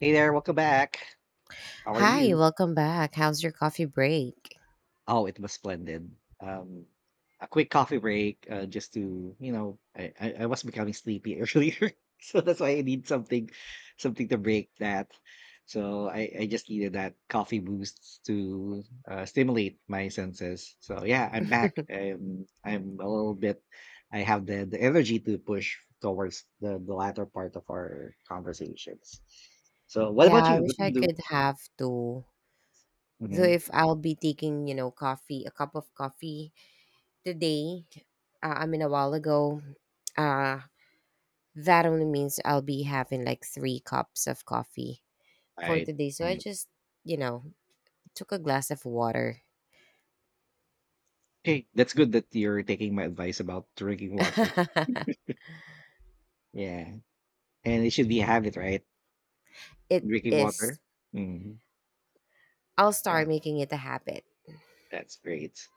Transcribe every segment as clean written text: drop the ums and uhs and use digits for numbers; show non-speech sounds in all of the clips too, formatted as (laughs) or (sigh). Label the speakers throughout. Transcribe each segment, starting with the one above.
Speaker 1: Hey there, welcome back. How are
Speaker 2: Hi,
Speaker 1: you?
Speaker 2: welcome back. How's your coffee break?
Speaker 1: Oh, it was splendid. A quick coffee break, just to I was becoming sleepy (laughs) earlier, so that's why I need something, something to break that. So I just needed that coffee boost to stimulate my senses. So yeah, I'm back. I'm a little bit. I have the energy to push towards the latter part of our conversations. So what
Speaker 2: Yeah,
Speaker 1: about
Speaker 2: I
Speaker 1: you? What
Speaker 2: wish
Speaker 1: do
Speaker 2: I
Speaker 1: you do?
Speaker 2: could have two. So
Speaker 1: Mm-hmm.
Speaker 2: if I'll be taking, coffee, a cup of coffee today, I mean a while ago, uh, that only means I'll be having like three cups of coffee for
Speaker 1: Right.
Speaker 2: today. So I
Speaker 1: Right.
Speaker 2: just, you know, took a glass of water.
Speaker 1: Okay, that's good that you're taking my advice about drinking
Speaker 2: (laughs)
Speaker 1: water. Yeah, and it should be a habit, right?
Speaker 2: It
Speaker 1: Drinking water.
Speaker 2: is.
Speaker 1: Hmm.
Speaker 2: I'll
Speaker 1: Yeah,
Speaker 2: start making it a habit.
Speaker 1: that's great.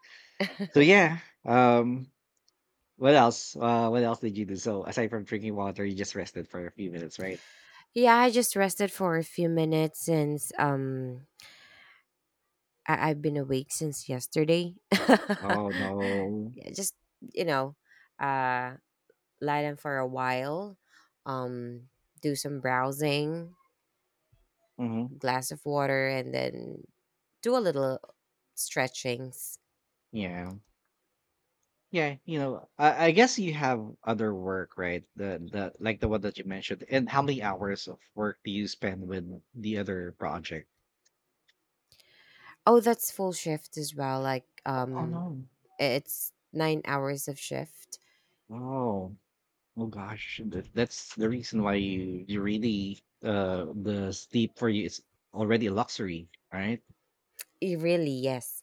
Speaker 1: So
Speaker 2: (laughs)
Speaker 1: yeah, um, what else? What else did you do? So aside from drinking water, you just rested for a few minutes, right?
Speaker 2: Yeah, I just rested for a few minutes since I've been awake since yesterday. (laughs) Yeah,
Speaker 1: Oh no.
Speaker 2: just you know, uh, lie down for a while, um, do some browsing,
Speaker 1: Hmm.
Speaker 2: glass of water, and then do a little stretchings.
Speaker 1: Yeah. Yeah, you know, I guess you have other work, right? The like the one that you mentioned. And how many hours of work do you spend with the other project?
Speaker 2: Oh, that's full shift as well. Like
Speaker 1: Oh no.
Speaker 2: it's 9 hours of shift.
Speaker 1: Oh. Oh gosh, that's the reason why you really the sleep for you is already a luxury, right?
Speaker 2: Eh, really, yes.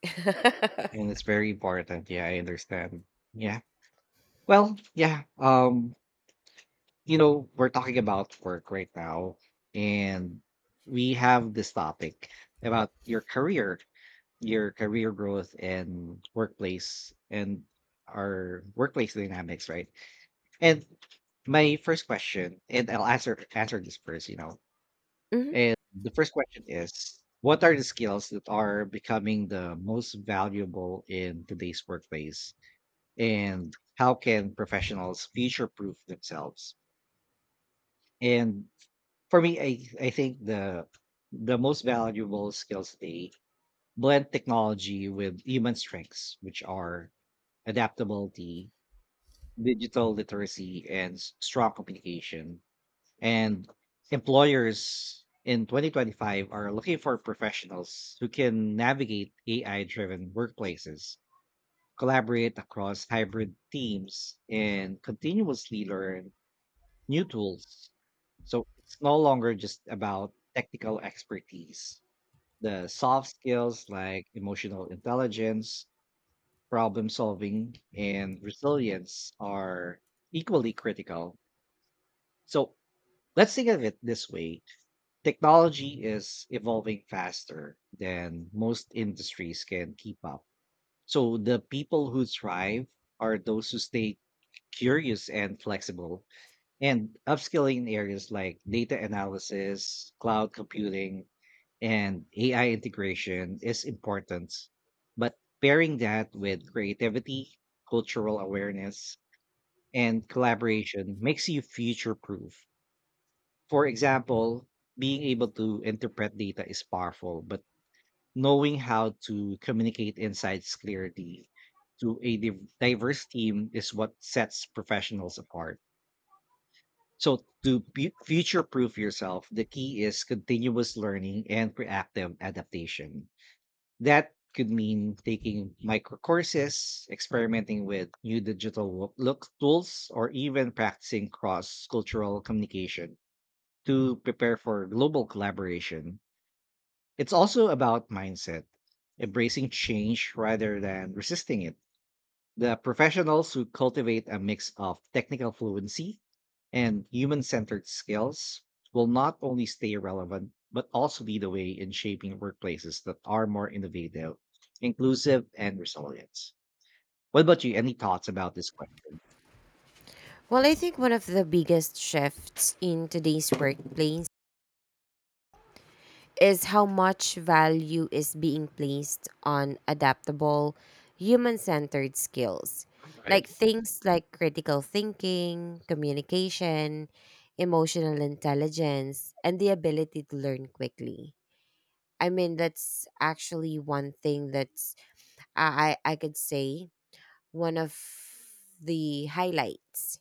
Speaker 1: And it's very important. Yeah, I understand. Yeah. Well, yeah. You know, we're talking about work right now,
Speaker 2: (laughs)
Speaker 1: and we have this topic about your career growth and workplace and our workplace dynamics, right? And my first question, and I'll answer this first, you know.
Speaker 2: Mhm.
Speaker 1: And the first question is, what are the skills that are becoming the most valuable in today's workplace? And how can professionals future proof themselves? And for me, I think the most valuable skills, they blend technology with human strengths, which are adaptability, digital literacy, and strong communication. And employers in 2025 are looking for professionals who can navigate AI driven workplaces, collaborate across hybrid teams, and continuously learn new tools. So it's no longer just about technical expertise. The soft skills like emotional intelligence, problem solving, and resilience are equally critical. So let's think of it this way: technology is evolving faster than most industries can keep up. So the people who thrive are those who stay curious and flexible, and upskilling in areas like data analysis, cloud computing, and AI integration is important. But pairing that with creativity, cultural awareness, and collaboration makes you future proof. For example, being able to interpret data is powerful, but knowing how to communicate insights clearly to a diverse team is what sets professionals apart. So, to future proof yourself, the key is continuous learning and proactive adaptation. That could mean taking micro courses, experimenting with new digital wo- look tools, or even practicing cross cultural communication to prepare for global collaboration. It's also about mindset, embracing change rather than resisting it. The professionals who cultivate a mix of technical fluency and human centered skills will not only stay relevant, but also lead the way in shaping workplaces that are more innovative, inclusive, and resilient. What about you? Any thoughts about this question?
Speaker 2: Well, I think one of the biggest shifts in today's workplace is how much value is being placed on adaptable, human centered skills.
Speaker 1: Right,
Speaker 2: Like things like critical thinking, communication, emotional intelligence, and the ability to learn quickly. I mean, that's actually one thing that's I could say one of the highlights,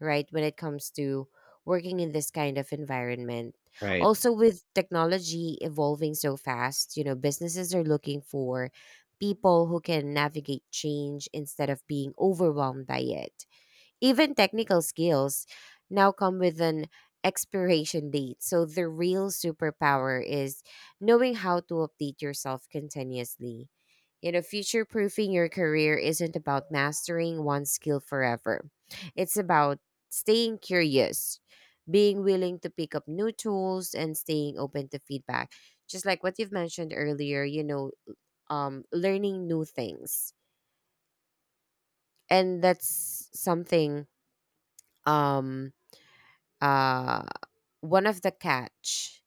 Speaker 2: right? When it comes to working in this kind of environment.
Speaker 1: right,
Speaker 2: Also with technology evolving so fast, you know, businesses are looking for people who can navigate change instead of being overwhelmed by it. Even technical skills now come with an expiration date. So the real superpower is knowing how to update yourself continuously. You know, future proofing your career isn't about mastering one skill forever. It's about staying curious, being willing to pick up new tools and staying open to feedback. Just like what you've mentioned earlier, learning new things. And that's something um uh, one of the catch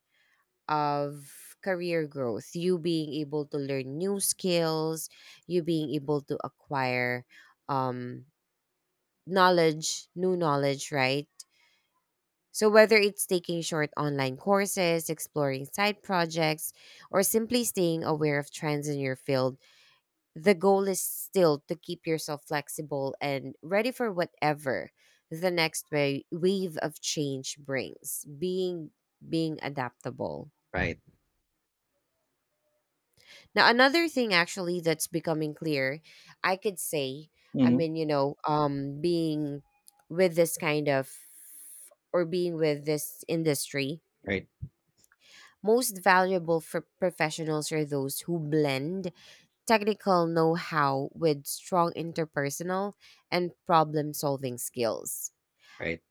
Speaker 2: of career growth, you being able to learn new skills, you being able to acquire um, knowledge, new knowledge, right? So whether it's taking short online courses, exploring side projects, or simply staying aware of trends in your field, the goal is still to keep yourself flexible and ready for whatever the next wave of change brings. Being adaptable.
Speaker 1: right.
Speaker 2: Now another thing actually that's becoming clear, I could say, I
Speaker 1: Mhm.
Speaker 2: mean, you know, being with this kind of, or being with this industry,
Speaker 1: Right,
Speaker 2: most valuable for professionals are those who blend technical know how with strong interpersonal and problem solving skills.
Speaker 1: right.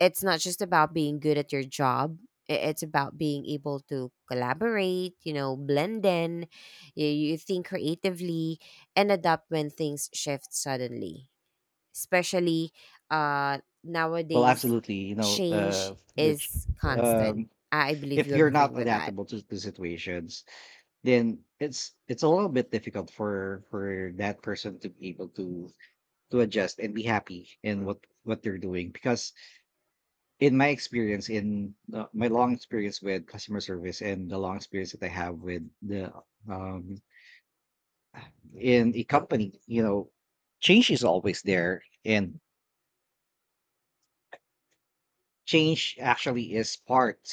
Speaker 2: It's not just about being good at your job, it's about being able to collaborate, you know, blend in, you think creatively, and adapt when things shift suddenly. Especially
Speaker 1: Well,
Speaker 2: nowadays,
Speaker 1: absolutely. You know,
Speaker 2: change
Speaker 1: the
Speaker 2: is constant.
Speaker 1: um,
Speaker 2: I believe
Speaker 1: if
Speaker 2: you
Speaker 1: you're
Speaker 2: agree
Speaker 1: not
Speaker 2: with that.
Speaker 1: adaptable to the situations, then it's a little bit difficult for that person to be able to adjust and be happy in what they're doing. Because in my experience, in my long experience with customer service and the long experience that I have with the um in a company, you know, change is always there, and change actually is part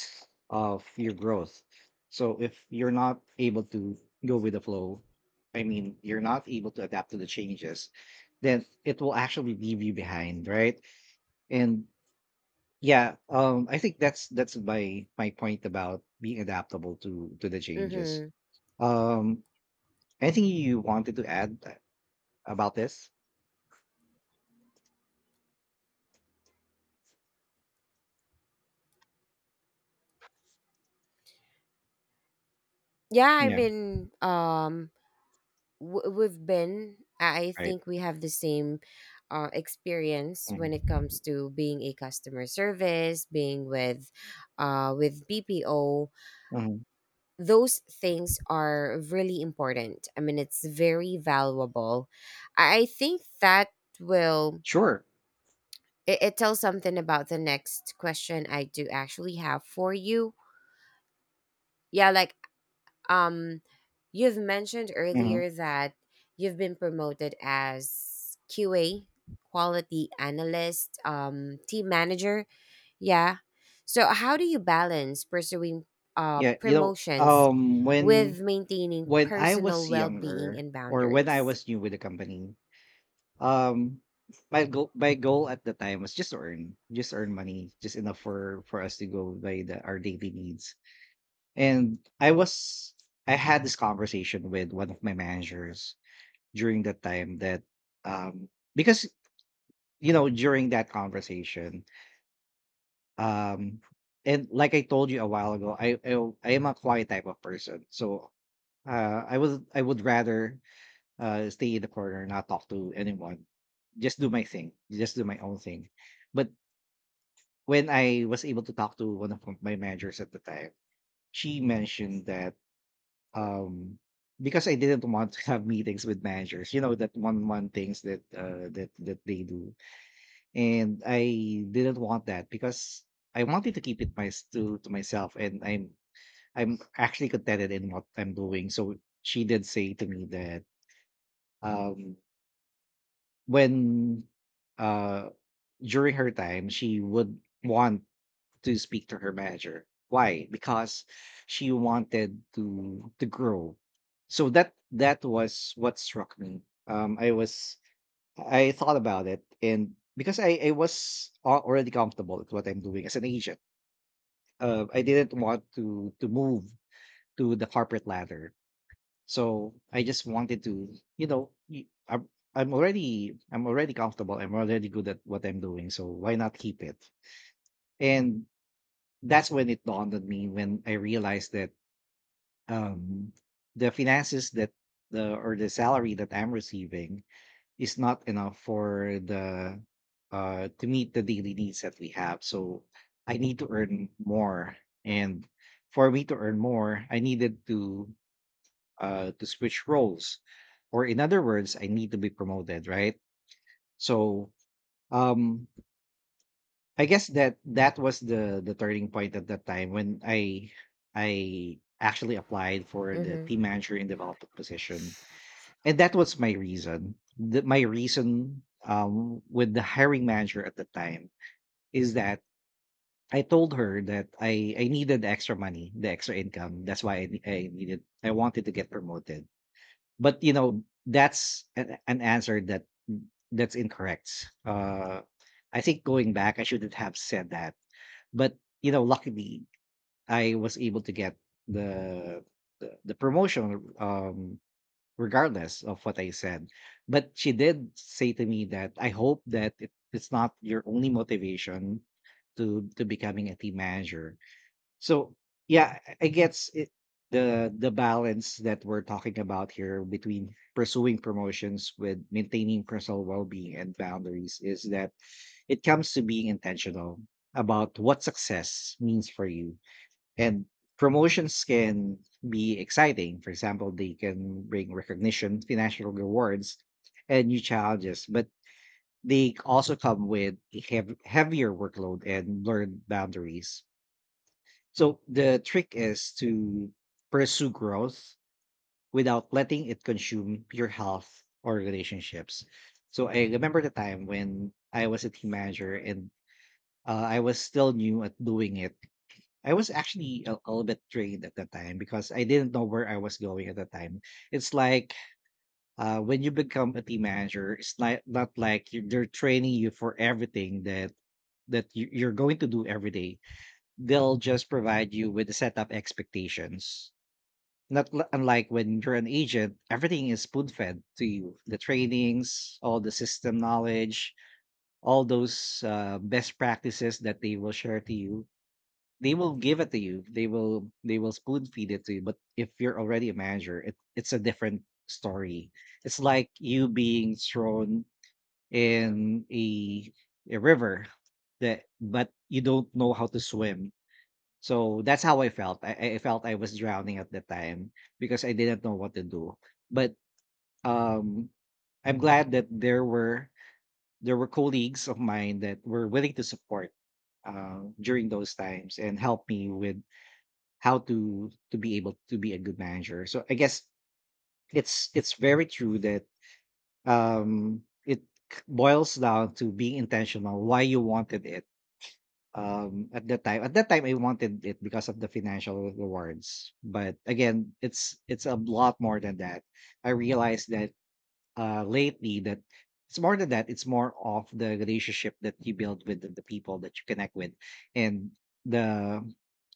Speaker 1: of your growth. So if you're not able to go with the flow, I mean, you're not able to adapt to the changes, then it will actually leave you behind, right? And yeah, I think that's my point about being adaptable to the changes.
Speaker 2: Mm-hmm.
Speaker 1: Um, Anything you wanted to add about this?
Speaker 2: Yeah, I
Speaker 1: Yeah,
Speaker 2: mean, we've been I
Speaker 1: right.
Speaker 2: think we have the same experience when it
Speaker 1: Mhm.
Speaker 2: comes to being a customer service, being with bpo.
Speaker 1: Mhm.
Speaker 2: Those things are really important. I mean, it's very valuable. I think that will,
Speaker 1: Sure.
Speaker 2: it tells something about the next question I do actually have for you. Yeah, like Um, you've mentioned
Speaker 1: Mhm.
Speaker 2: earlier that you've been promoted as QA, quality analyst, team manager. Yeah. So, how do you balance pursuing
Speaker 1: Yeah, you know,
Speaker 2: promotions with maintaining
Speaker 1: When I
Speaker 2: personal
Speaker 1: was
Speaker 2: well being
Speaker 1: younger
Speaker 2: and
Speaker 1: or when I
Speaker 2: boundaries?
Speaker 1: was new with the company, um my goal, at the time was just to earn, just earn money, just enough for us to go by the our daily needs. And I was, I had this conversation with one of my managers during that time that, um because you know during that conversation, um and like I told you a while ago, I am a quiet type of person. So I would rather stay in the corner, not talk to anyone, just do my thing, just do my own thing. But when I was able to talk to one of my managers at the time, she mentioned that, um, because I didn't want to have meetings with managers, you know, that one-on-one things that that they do, and I didn't want that because I wanted to keep it my to myself, and I'm actually contented in what I'm doing. So she did say to me that, um, when uh during her time, she would want to speak to her manager. Why? Because she wanted to grow. So that was what struck me. I was, I thought about it, and because I was already comfortable with what I'm doing as an agent, I didn't want to move to the corporate ladder. So I just wanted to, you know, I'm already comfortable. I'm already good at what I'm doing. So why not keep it? And that's when it dawned on me when I realized that, um, the finances that the salary that I'm receiving is not enough for the, to meet the daily needs that we have. So I need to earn more, and for me to earn more, I needed to, to switch roles, or in other words, I need to be promoted, right? So um I guess that was the turning point at that time when I actually applied for
Speaker 2: Mm
Speaker 1: the
Speaker 2: hmm.
Speaker 1: team manager and development position, and that was my reason. My reason, with the hiring manager at the time is that I told her that I needed the extra money, the extra income. That's why I wanted to get promoted. But you know that's an answer that, that's incorrect. I think going back, I shouldn't have said that, but you know, luckily I was able to get the, the promotion, regardless of what I said. But she did say to me that, I hope that it's not your only motivation to becoming a team manager. So yeah, I guess it the balance that we're talking about here between pursuing promotions with maintaining personal well-being and boundaries is that it comes to being intentional about what success means for you. And promotions can be exciting. For example, they can bring recognition, financial rewards, and new challenges, but they also come with a heavier workload and blurred boundaries. So the trick is to pursue growth without letting it consume your health or relationships. So I remember the time when I was a team manager and, I was still new at doing it. I was actually a little bit drained at the time because I didn't know where I was going at the time. It's like, when you become a team manager, it's not like you they're training you for everything that you, you're going to do every day. They'll just provide you with a set of expectations. Not li- Unlike when you're an agent, everything is spoon fed to you. The trainings, all the system knowledge, all those best practices that they will share to you. They will give it to you. They will spoon feed it to you. But if you're already a manager, it's a different story. It's like you being thrown in a river that, but you don't know how to swim. So that's how I felt. I felt I was drowning at the time because I didn't know what to do. But um, I'm glad that there were colleagues of mine that were willing to support during those times and help me with how to be able to be a good manager. So I guess it's very true that, um, it boils down to being intentional, why you wanted it. At that time, I wanted it because of the financial rewards, but again, it's a lot more than that. I realized that, lately, that it's more than that. It's more of the relationship that you build with the people that you connect with, and the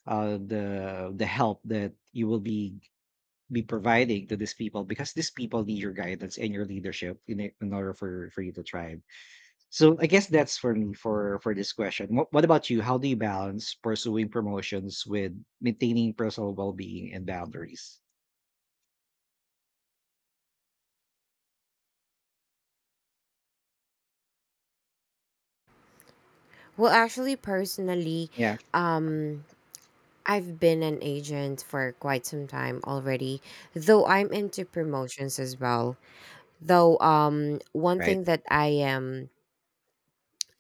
Speaker 1: the help that you will be providing to these people because these people need your guidance and your leadership in order for you to thrive. So I guess that's for me for this question. What about you? How do you balance pursuing promotions with maintaining personal well being and boundaries?
Speaker 2: Well, actually, personally,
Speaker 1: Yeah.
Speaker 2: um, I've been an agent for quite some time already, though I'm into promotions as well. Though, one
Speaker 1: Right.
Speaker 2: thing that I am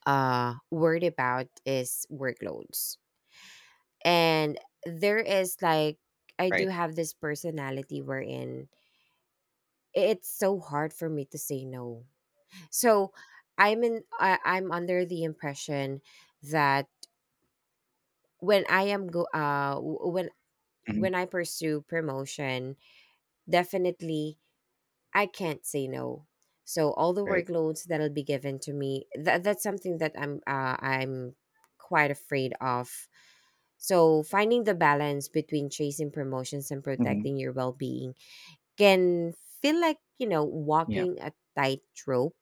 Speaker 2: worried about is workloads. And there is like, I do
Speaker 1: Right.
Speaker 2: have this personality wherein it's so hard for me to say no. So I'm under the impression that when I am go w-
Speaker 1: hmm
Speaker 2: when I pursue promotion, definitely I can't say no. So all the
Speaker 1: Right.
Speaker 2: workloads that'll be given to me, that that's something that I'm quite afraid of. So finding the balance between chasing promotions and
Speaker 1: hmm
Speaker 2: protecting your well-being can feel like, you know,
Speaker 1: Yeah.
Speaker 2: walking a tightrope,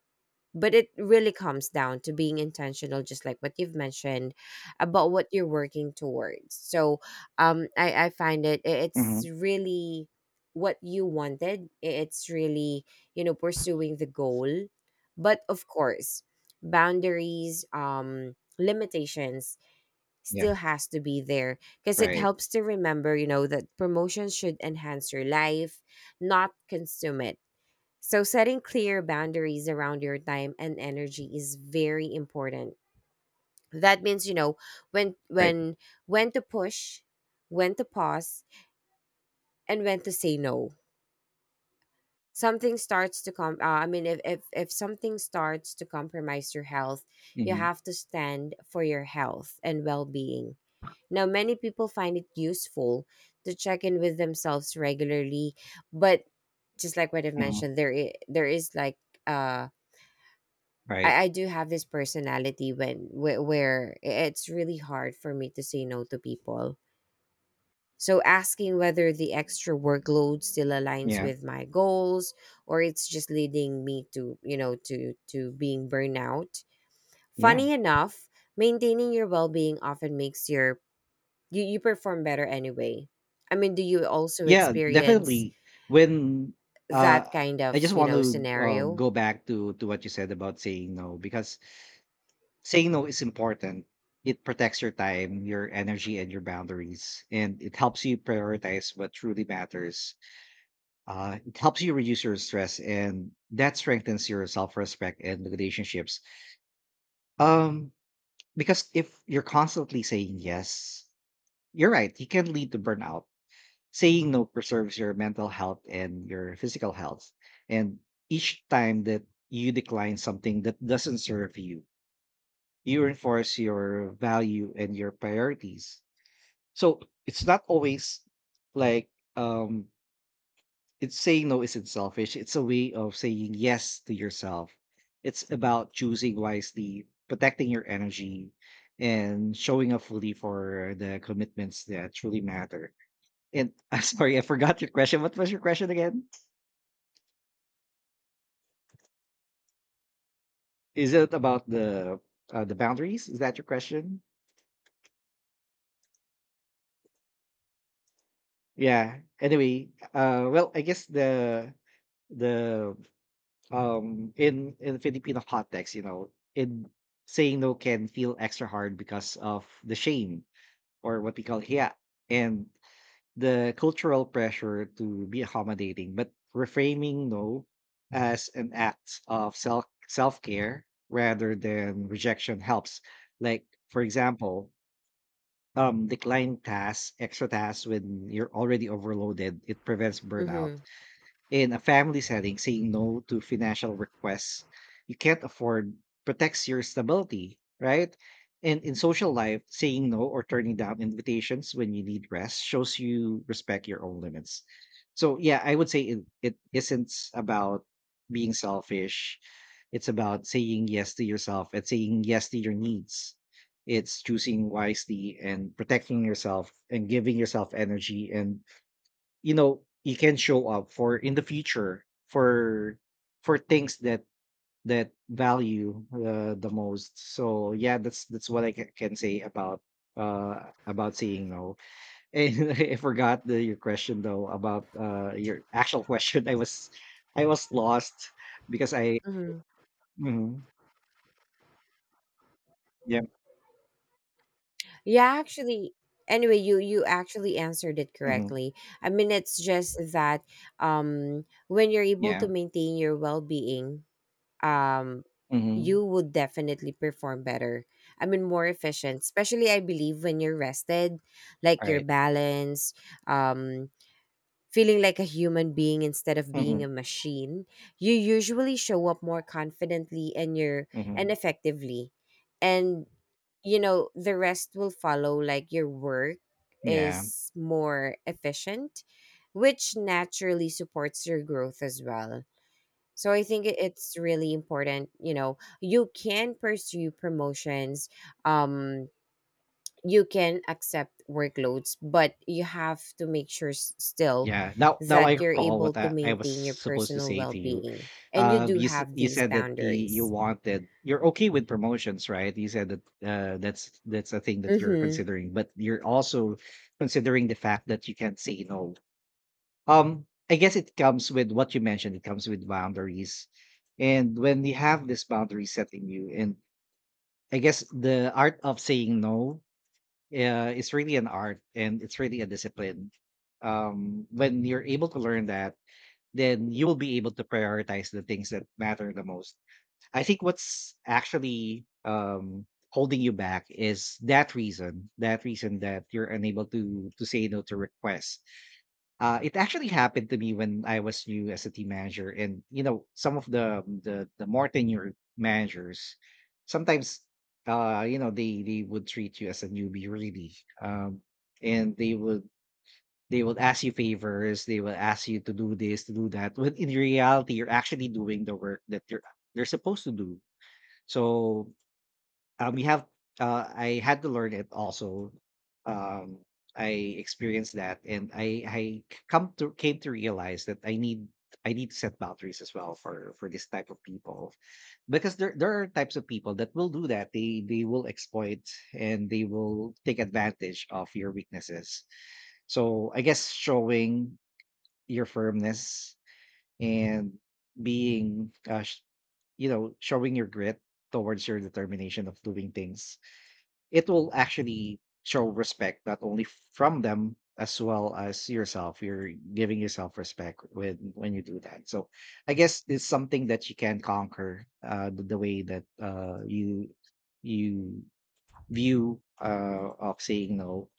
Speaker 2: but it really comes down to being intentional, just like what you've mentioned about what you're working towards. So I find it, it's
Speaker 1: hmm
Speaker 2: really what you wanted. It's really, you know, pursuing the goal, but of course, boundaries, limitations
Speaker 1: Yeah.
Speaker 2: still has to be there, because it
Speaker 1: Right.
Speaker 2: helps to remember, you know, that promotion should enhance your life, not consume it. So, setting clear boundaries around your time and energy is very important. That means, you know, when
Speaker 1: Right.
Speaker 2: when when to push, when to pause, and when to say no. Something starts to come. I mean, if something starts to compromise your health, you
Speaker 1: hmm
Speaker 2: have to stand for your health and well being. Now, many people find it useful to check in with themselves regularly, but just like what I've
Speaker 1: hmm
Speaker 2: mentioned, there is like uh
Speaker 1: Right.
Speaker 2: I do have this personality when where it's really hard for me to say no to people. So asking whether the extra workload still aligns
Speaker 1: Yeah.
Speaker 2: with my goals, or it's just leading me to, you know, to being burnout.
Speaker 1: Yeah.
Speaker 2: Funny enough, maintaining your well-being often makes your, you perform better anyway. I mean, do you also
Speaker 1: Yeah.
Speaker 2: experience
Speaker 1: Definitely. When
Speaker 2: that
Speaker 1: uh,
Speaker 2: kind
Speaker 1: I
Speaker 2: of,
Speaker 1: just
Speaker 2: you
Speaker 1: want
Speaker 2: know,
Speaker 1: to
Speaker 2: scenario?
Speaker 1: go back to what you said about saying no because saying no is important. It protects your time, your energy, and your boundaries, and it helps you prioritize what truly matters. It helps you reduce your stress, and that strengthens your self-respect and relationships. Um, because if you're constantly saying yes, you're right. It can lead to burnout. Saying no preserves your mental health and your physical health, and each time that you decline something that doesn't serve you you reinforce your value and your priorities. So it's not always like um it's saying no isn't selfish. It's a way of saying yes to yourself. It's about choosing wisely, protecting your energy, and showing up fully for the commitments that truly matter. And (laughs) I'm sorry, I forgot your question. What was your question again? Is it about the boundaries? Is that your question? Yeah, anyway, well, I guess the in Filipino context, you know, in saying no can feel extra hard because of the shame, or what we call hiya, and the cultural pressure to be accommodating, but reframing no as an act of self-care rather than rejection helps. Like for example, decline tasks, extra tasks when you're already overloaded. It prevents burnout.
Speaker 2: Mhm.
Speaker 1: In a family setting, saying no to financial requests you can't afford protects your stability, right? And in social life, saying no or turning down invitations when you need rest shows you respect your own limits. So, yeah, I would say it isn't about being selfish. It's about saying yes to yourself and saying yes to your needs. It's choosing wisely and protecting yourself and giving yourself energy, and you know you can show up for in the future for things that that value the most. So yeah, that's what I can say about saying no. And (laughs) I forgot the your question though about your actual (laughs) question. I was I was lost because I.
Speaker 2: Mhm.
Speaker 1: Mhm. Yeah.
Speaker 2: Yeah, actually, anyway, you actually answered it
Speaker 1: Mhm.
Speaker 2: correctly. I mean, it's just that when you're able
Speaker 1: Yeah.
Speaker 2: to maintain your well-being, um
Speaker 1: Mhm.
Speaker 2: you would definitely perform better. I mean, more efficient, especially I believe when you're rested, like
Speaker 1: All
Speaker 2: your
Speaker 1: right.
Speaker 2: balance, um feeling like a human being instead of being
Speaker 1: Mhm.
Speaker 2: a machine, you usually show up more confidently, and you're and
Speaker 1: Mhm.
Speaker 2: effectively. And you know, the rest will follow, like your work
Speaker 1: Yeah.
Speaker 2: is more efficient, which naturally supports your growth as well. So I think it's really important, you know, you can pursue promotions, um you can accept workloads, but you have to make sure still
Speaker 1: Yeah. Now I
Speaker 2: that you're
Speaker 1: recall
Speaker 2: able
Speaker 1: what
Speaker 2: to
Speaker 1: I was
Speaker 2: maintain your
Speaker 1: supposed to
Speaker 2: personal
Speaker 1: say
Speaker 2: well
Speaker 1: to you.
Speaker 2: being. And you do
Speaker 1: You
Speaker 2: have
Speaker 1: you
Speaker 2: these
Speaker 1: said that the you
Speaker 2: boundaries.
Speaker 1: wanted you're okay with promotions, right? You said that that's a thing that you're
Speaker 2: Mm-hmm.
Speaker 1: considering, but you're also considering the fact that you can't say no. Um, I guess it comes with what you mentioned, it comes with boundaries. And when you have this boundary setting you and I guess the art of saying no is really an art and it's really a discipline. When you're able to learn that, then you will be able to prioritize the things that matter the most. I think what's actually holding you back is that reason, that reason that you're unable to say no to requests. It actually happened to me when I was new as a team manager, and you know some of the more tenured managers sometimes you know they would treat you as a newbie, really, um, and they would they will ask you favors, they will ask you to do this, to do that, when in reality, you're actually doing the work that you're they're supposed to do. So, we have I had to learn it also. Um, I experienced that, and I come to came to realize that I need to set boundaries as well for this type of people because there are types of people that will do that, they will exploit and they will take advantage of your weaknesses. So I guess showing your firmness and being uh, sh- you know showing your grit towards your determination of doing things, it will actually show respect not only from them as well as yourself. You're giving yourself respect when you do that. So I guess it's something that you can conquer the way that you you view of saying no.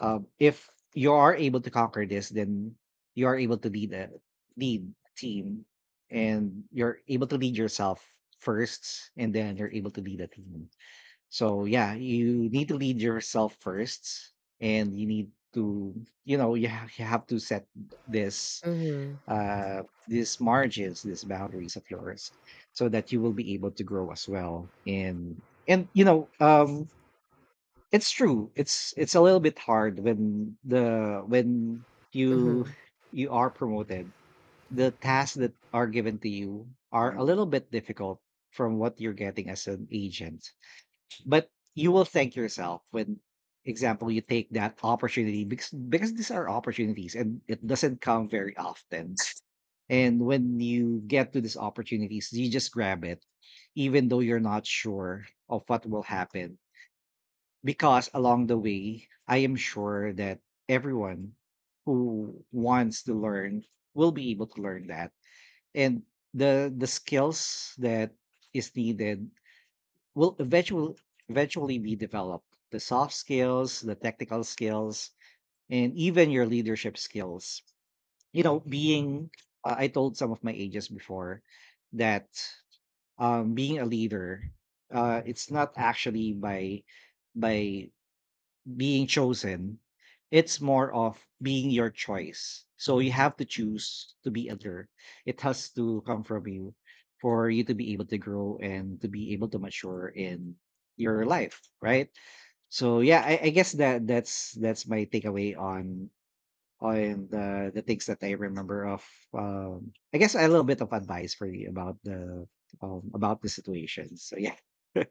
Speaker 1: Um, if you are able to conquer this, then you are able to lead a team, and you're able to lead yourself first, and then you're able to lead a team. So yeah, you need to lead yourself first, and you need to you know you have to set this
Speaker 2: Mm-hmm.
Speaker 1: uh these margins, these boundaries of yours, so that you will be able to grow as well. And you know, um, it's true. It's a little bit hard when the when you
Speaker 2: Mm-hmm.
Speaker 1: you are promoted. The tasks that are given to you are a little bit difficult from what you're getting as an agent. But you will thank yourself when, example, you take that opportunity because these are opportunities and it doesn't come very often. And when you get to these opportunities, you just grab it even though you're not sure of what will happen, because along the way, I am sure that everyone who wants to learn will be able to learn that, and the skills that is needed will eventually be developed. The soft skills, the technical skills, and even your leadership skills. You know, being I told some of my agents before that being a leader, it's not actually by being chosen. It's more of being your choice. So you have to choose to be other. It has to come from you for you to be able to grow and to be able to mature in your life, right? So yeah, I guess that that's my takeaway on the things that I remember of. I guess a little bit of advice for you about the situation. So yeah, (laughs)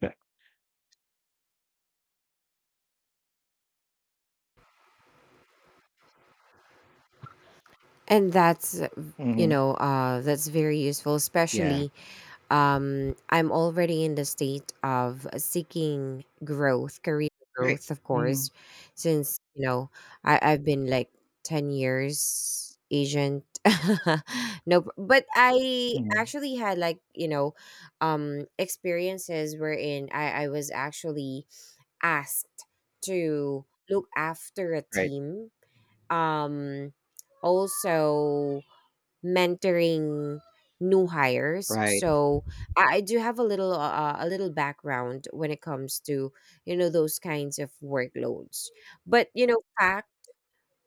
Speaker 2: And that's,
Speaker 1: hmm
Speaker 2: that's very useful,
Speaker 1: yeah,
Speaker 2: especially I'm already in the state of seeking growth, career
Speaker 1: right,
Speaker 2: growth, of
Speaker 1: hmm
Speaker 2: course, since you know I've been like 10 years agent. (laughs) No, but I
Speaker 1: hmm
Speaker 2: actually had, like, you know, experiences wherein I was actually asked to look after a
Speaker 1: right,
Speaker 2: team, um also mentoring new hires.
Speaker 1: right.
Speaker 2: So I do have a little background when it comes to, you know, those kinds of workloads. But you know, fact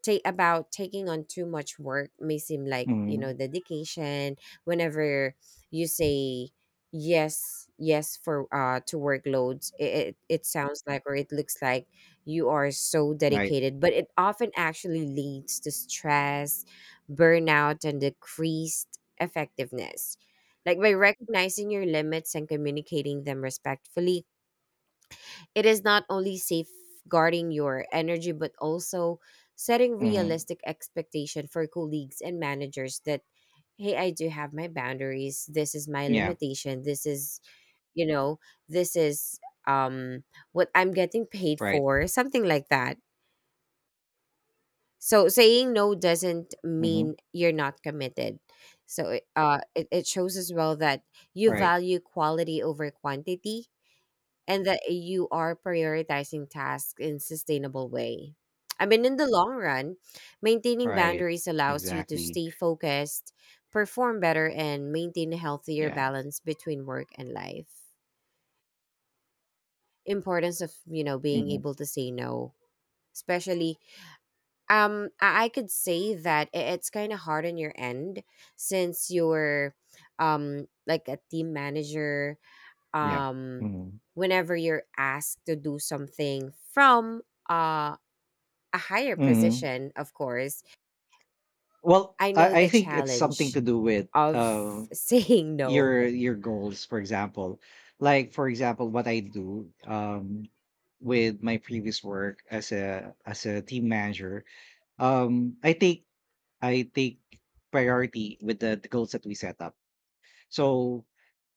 Speaker 2: take about taking on too much work may seem like, you know,
Speaker 1: Mhm.
Speaker 2: dedication. Whenever you say yes for to workloads, it sounds like or it looks like you are so
Speaker 1: Right.
Speaker 2: dedicated, but it often actually leads to stress, burnout, and decreased effectiveness. Like by recognizing your limits and communicating them respectfully, it is not only safeguarding your energy, but also setting
Speaker 1: Mhm.
Speaker 2: realistic expectation for colleagues and managers that, hey, I do have my boundaries. This is my
Speaker 1: Yeah.
Speaker 2: limitation. This is, you know, this is um what I'm getting paid
Speaker 1: Right.
Speaker 2: for, something like that. So saying no doesn't mean
Speaker 1: Mhm.
Speaker 2: you're not committed. So it, it shows as well that you
Speaker 1: Right.
Speaker 2: value quality over quantity, and that you are prioritizing tasks in sustainable way. I mean, in the long run, maintaining
Speaker 1: Right.
Speaker 2: boundaries allows you to
Speaker 1: Exactly.
Speaker 2: stay focused, perform better, and maintain a healthier
Speaker 1: Yeah.
Speaker 2: balance between work and life. Importance of, you know, being
Speaker 1: Mhm.
Speaker 2: able to say no, especially I could say that it's kind of hard on your end since you're like a team manager,
Speaker 1: Yeah.
Speaker 2: um
Speaker 1: Mhm.
Speaker 2: whenever you're asked to do something from uh, a higher
Speaker 1: Mhm.
Speaker 2: position, of course.
Speaker 1: Well,
Speaker 2: I
Speaker 1: I
Speaker 2: know
Speaker 1: I
Speaker 2: the
Speaker 1: think it's something
Speaker 2: challenge
Speaker 1: to do with
Speaker 2: of (laughs) saying no.
Speaker 1: your goals, for example. Like for example, what I do with my previous work as a team manager, um, I take priority with the goals that we set up. So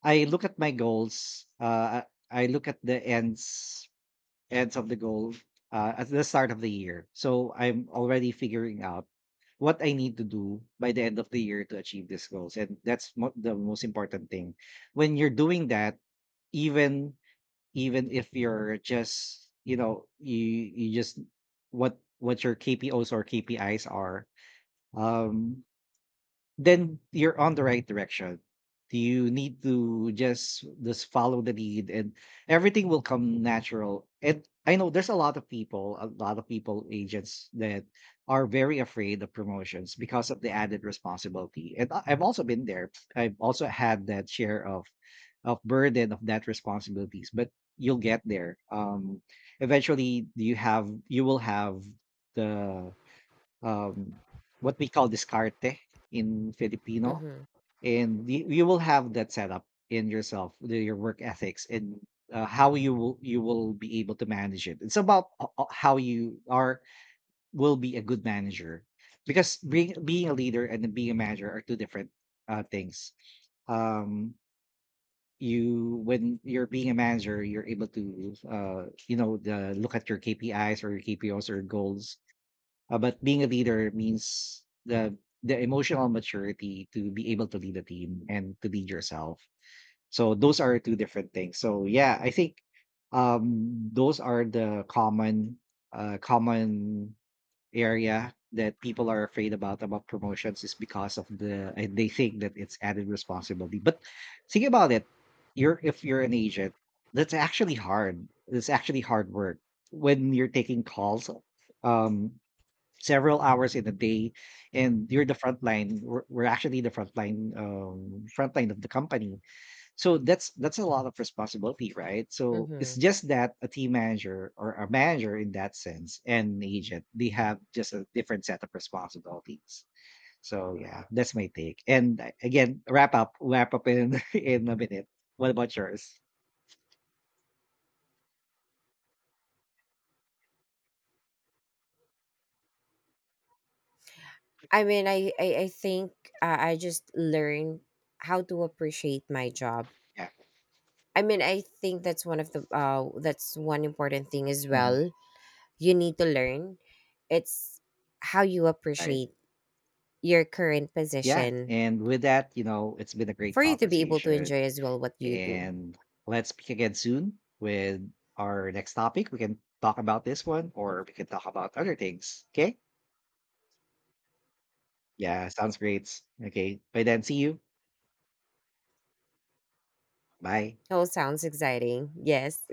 Speaker 1: I look at my goals. I look at the ends of the goal at the start of the year. So I'm already figuring out what I need to do by the end of the year to achieve these goals, and that's mo- the most important thing. When you're doing that, even if you're just you know you you just what your KPOs or KPIs are, um, then you're on the right direction. You need to just follow the lead, and everything will come natural. And I know there's a lot of people, a lot of people agents that are very afraid of promotions because of the added responsibility. And I- I've also been there. I've also had that share of burden of that responsibilities. But you'll get there. Eventually, you have you will have the um, what we call discarte in Filipino,
Speaker 2: Hmm.
Speaker 1: and you will have that set up in yourself, the- your work ethics, and how you will be able to manage it. It's about how you are will be a good manager, because being a leader and then being a manager are two different things. Um, you when you're being a manager, you're able to you know the, look at your KPIs or your KPOs or goals, but being a leader means the emotional maturity to be able to lead a team and to lead yourself. So those are two different things. So yeah, I think those are the common common area that people are afraid about promotions is because of the they think that it's added responsibility. But think about it. You're if you're an agent, that's actually hard. It's actually hard work when you're taking calls. Um, several hours in a day, and you're the front line, we're actually the front line of the company. So that's a lot of responsibility, right? So it's
Speaker 2: Hmm.
Speaker 1: just that a team manager or a manager in that sense and an agent, they have just a different set of responsibilities. So yeah, that's my take, and again, wrap up in (laughs) in a minute. What about yours?
Speaker 2: I mean, I think I just learned how to appreciate my job.
Speaker 1: Yeah.
Speaker 2: I mean, I think that's one of the that's one important thing as well.
Speaker 1: Mhm.
Speaker 2: You need to learn. It's how you
Speaker 1: Right.
Speaker 2: appreciate your current
Speaker 1: Yeah.
Speaker 2: position
Speaker 1: And with that, you know, it's been a great
Speaker 2: for you to be able to
Speaker 1: conversation.
Speaker 2: enjoy as well what you do.
Speaker 1: And let's speak again soon with our next topic. We can talk about this one or we can talk about other things. Okay. Yeah. Sounds great. Okay. By then, see you. Bye.
Speaker 2: Oh, sounds exciting. Yes.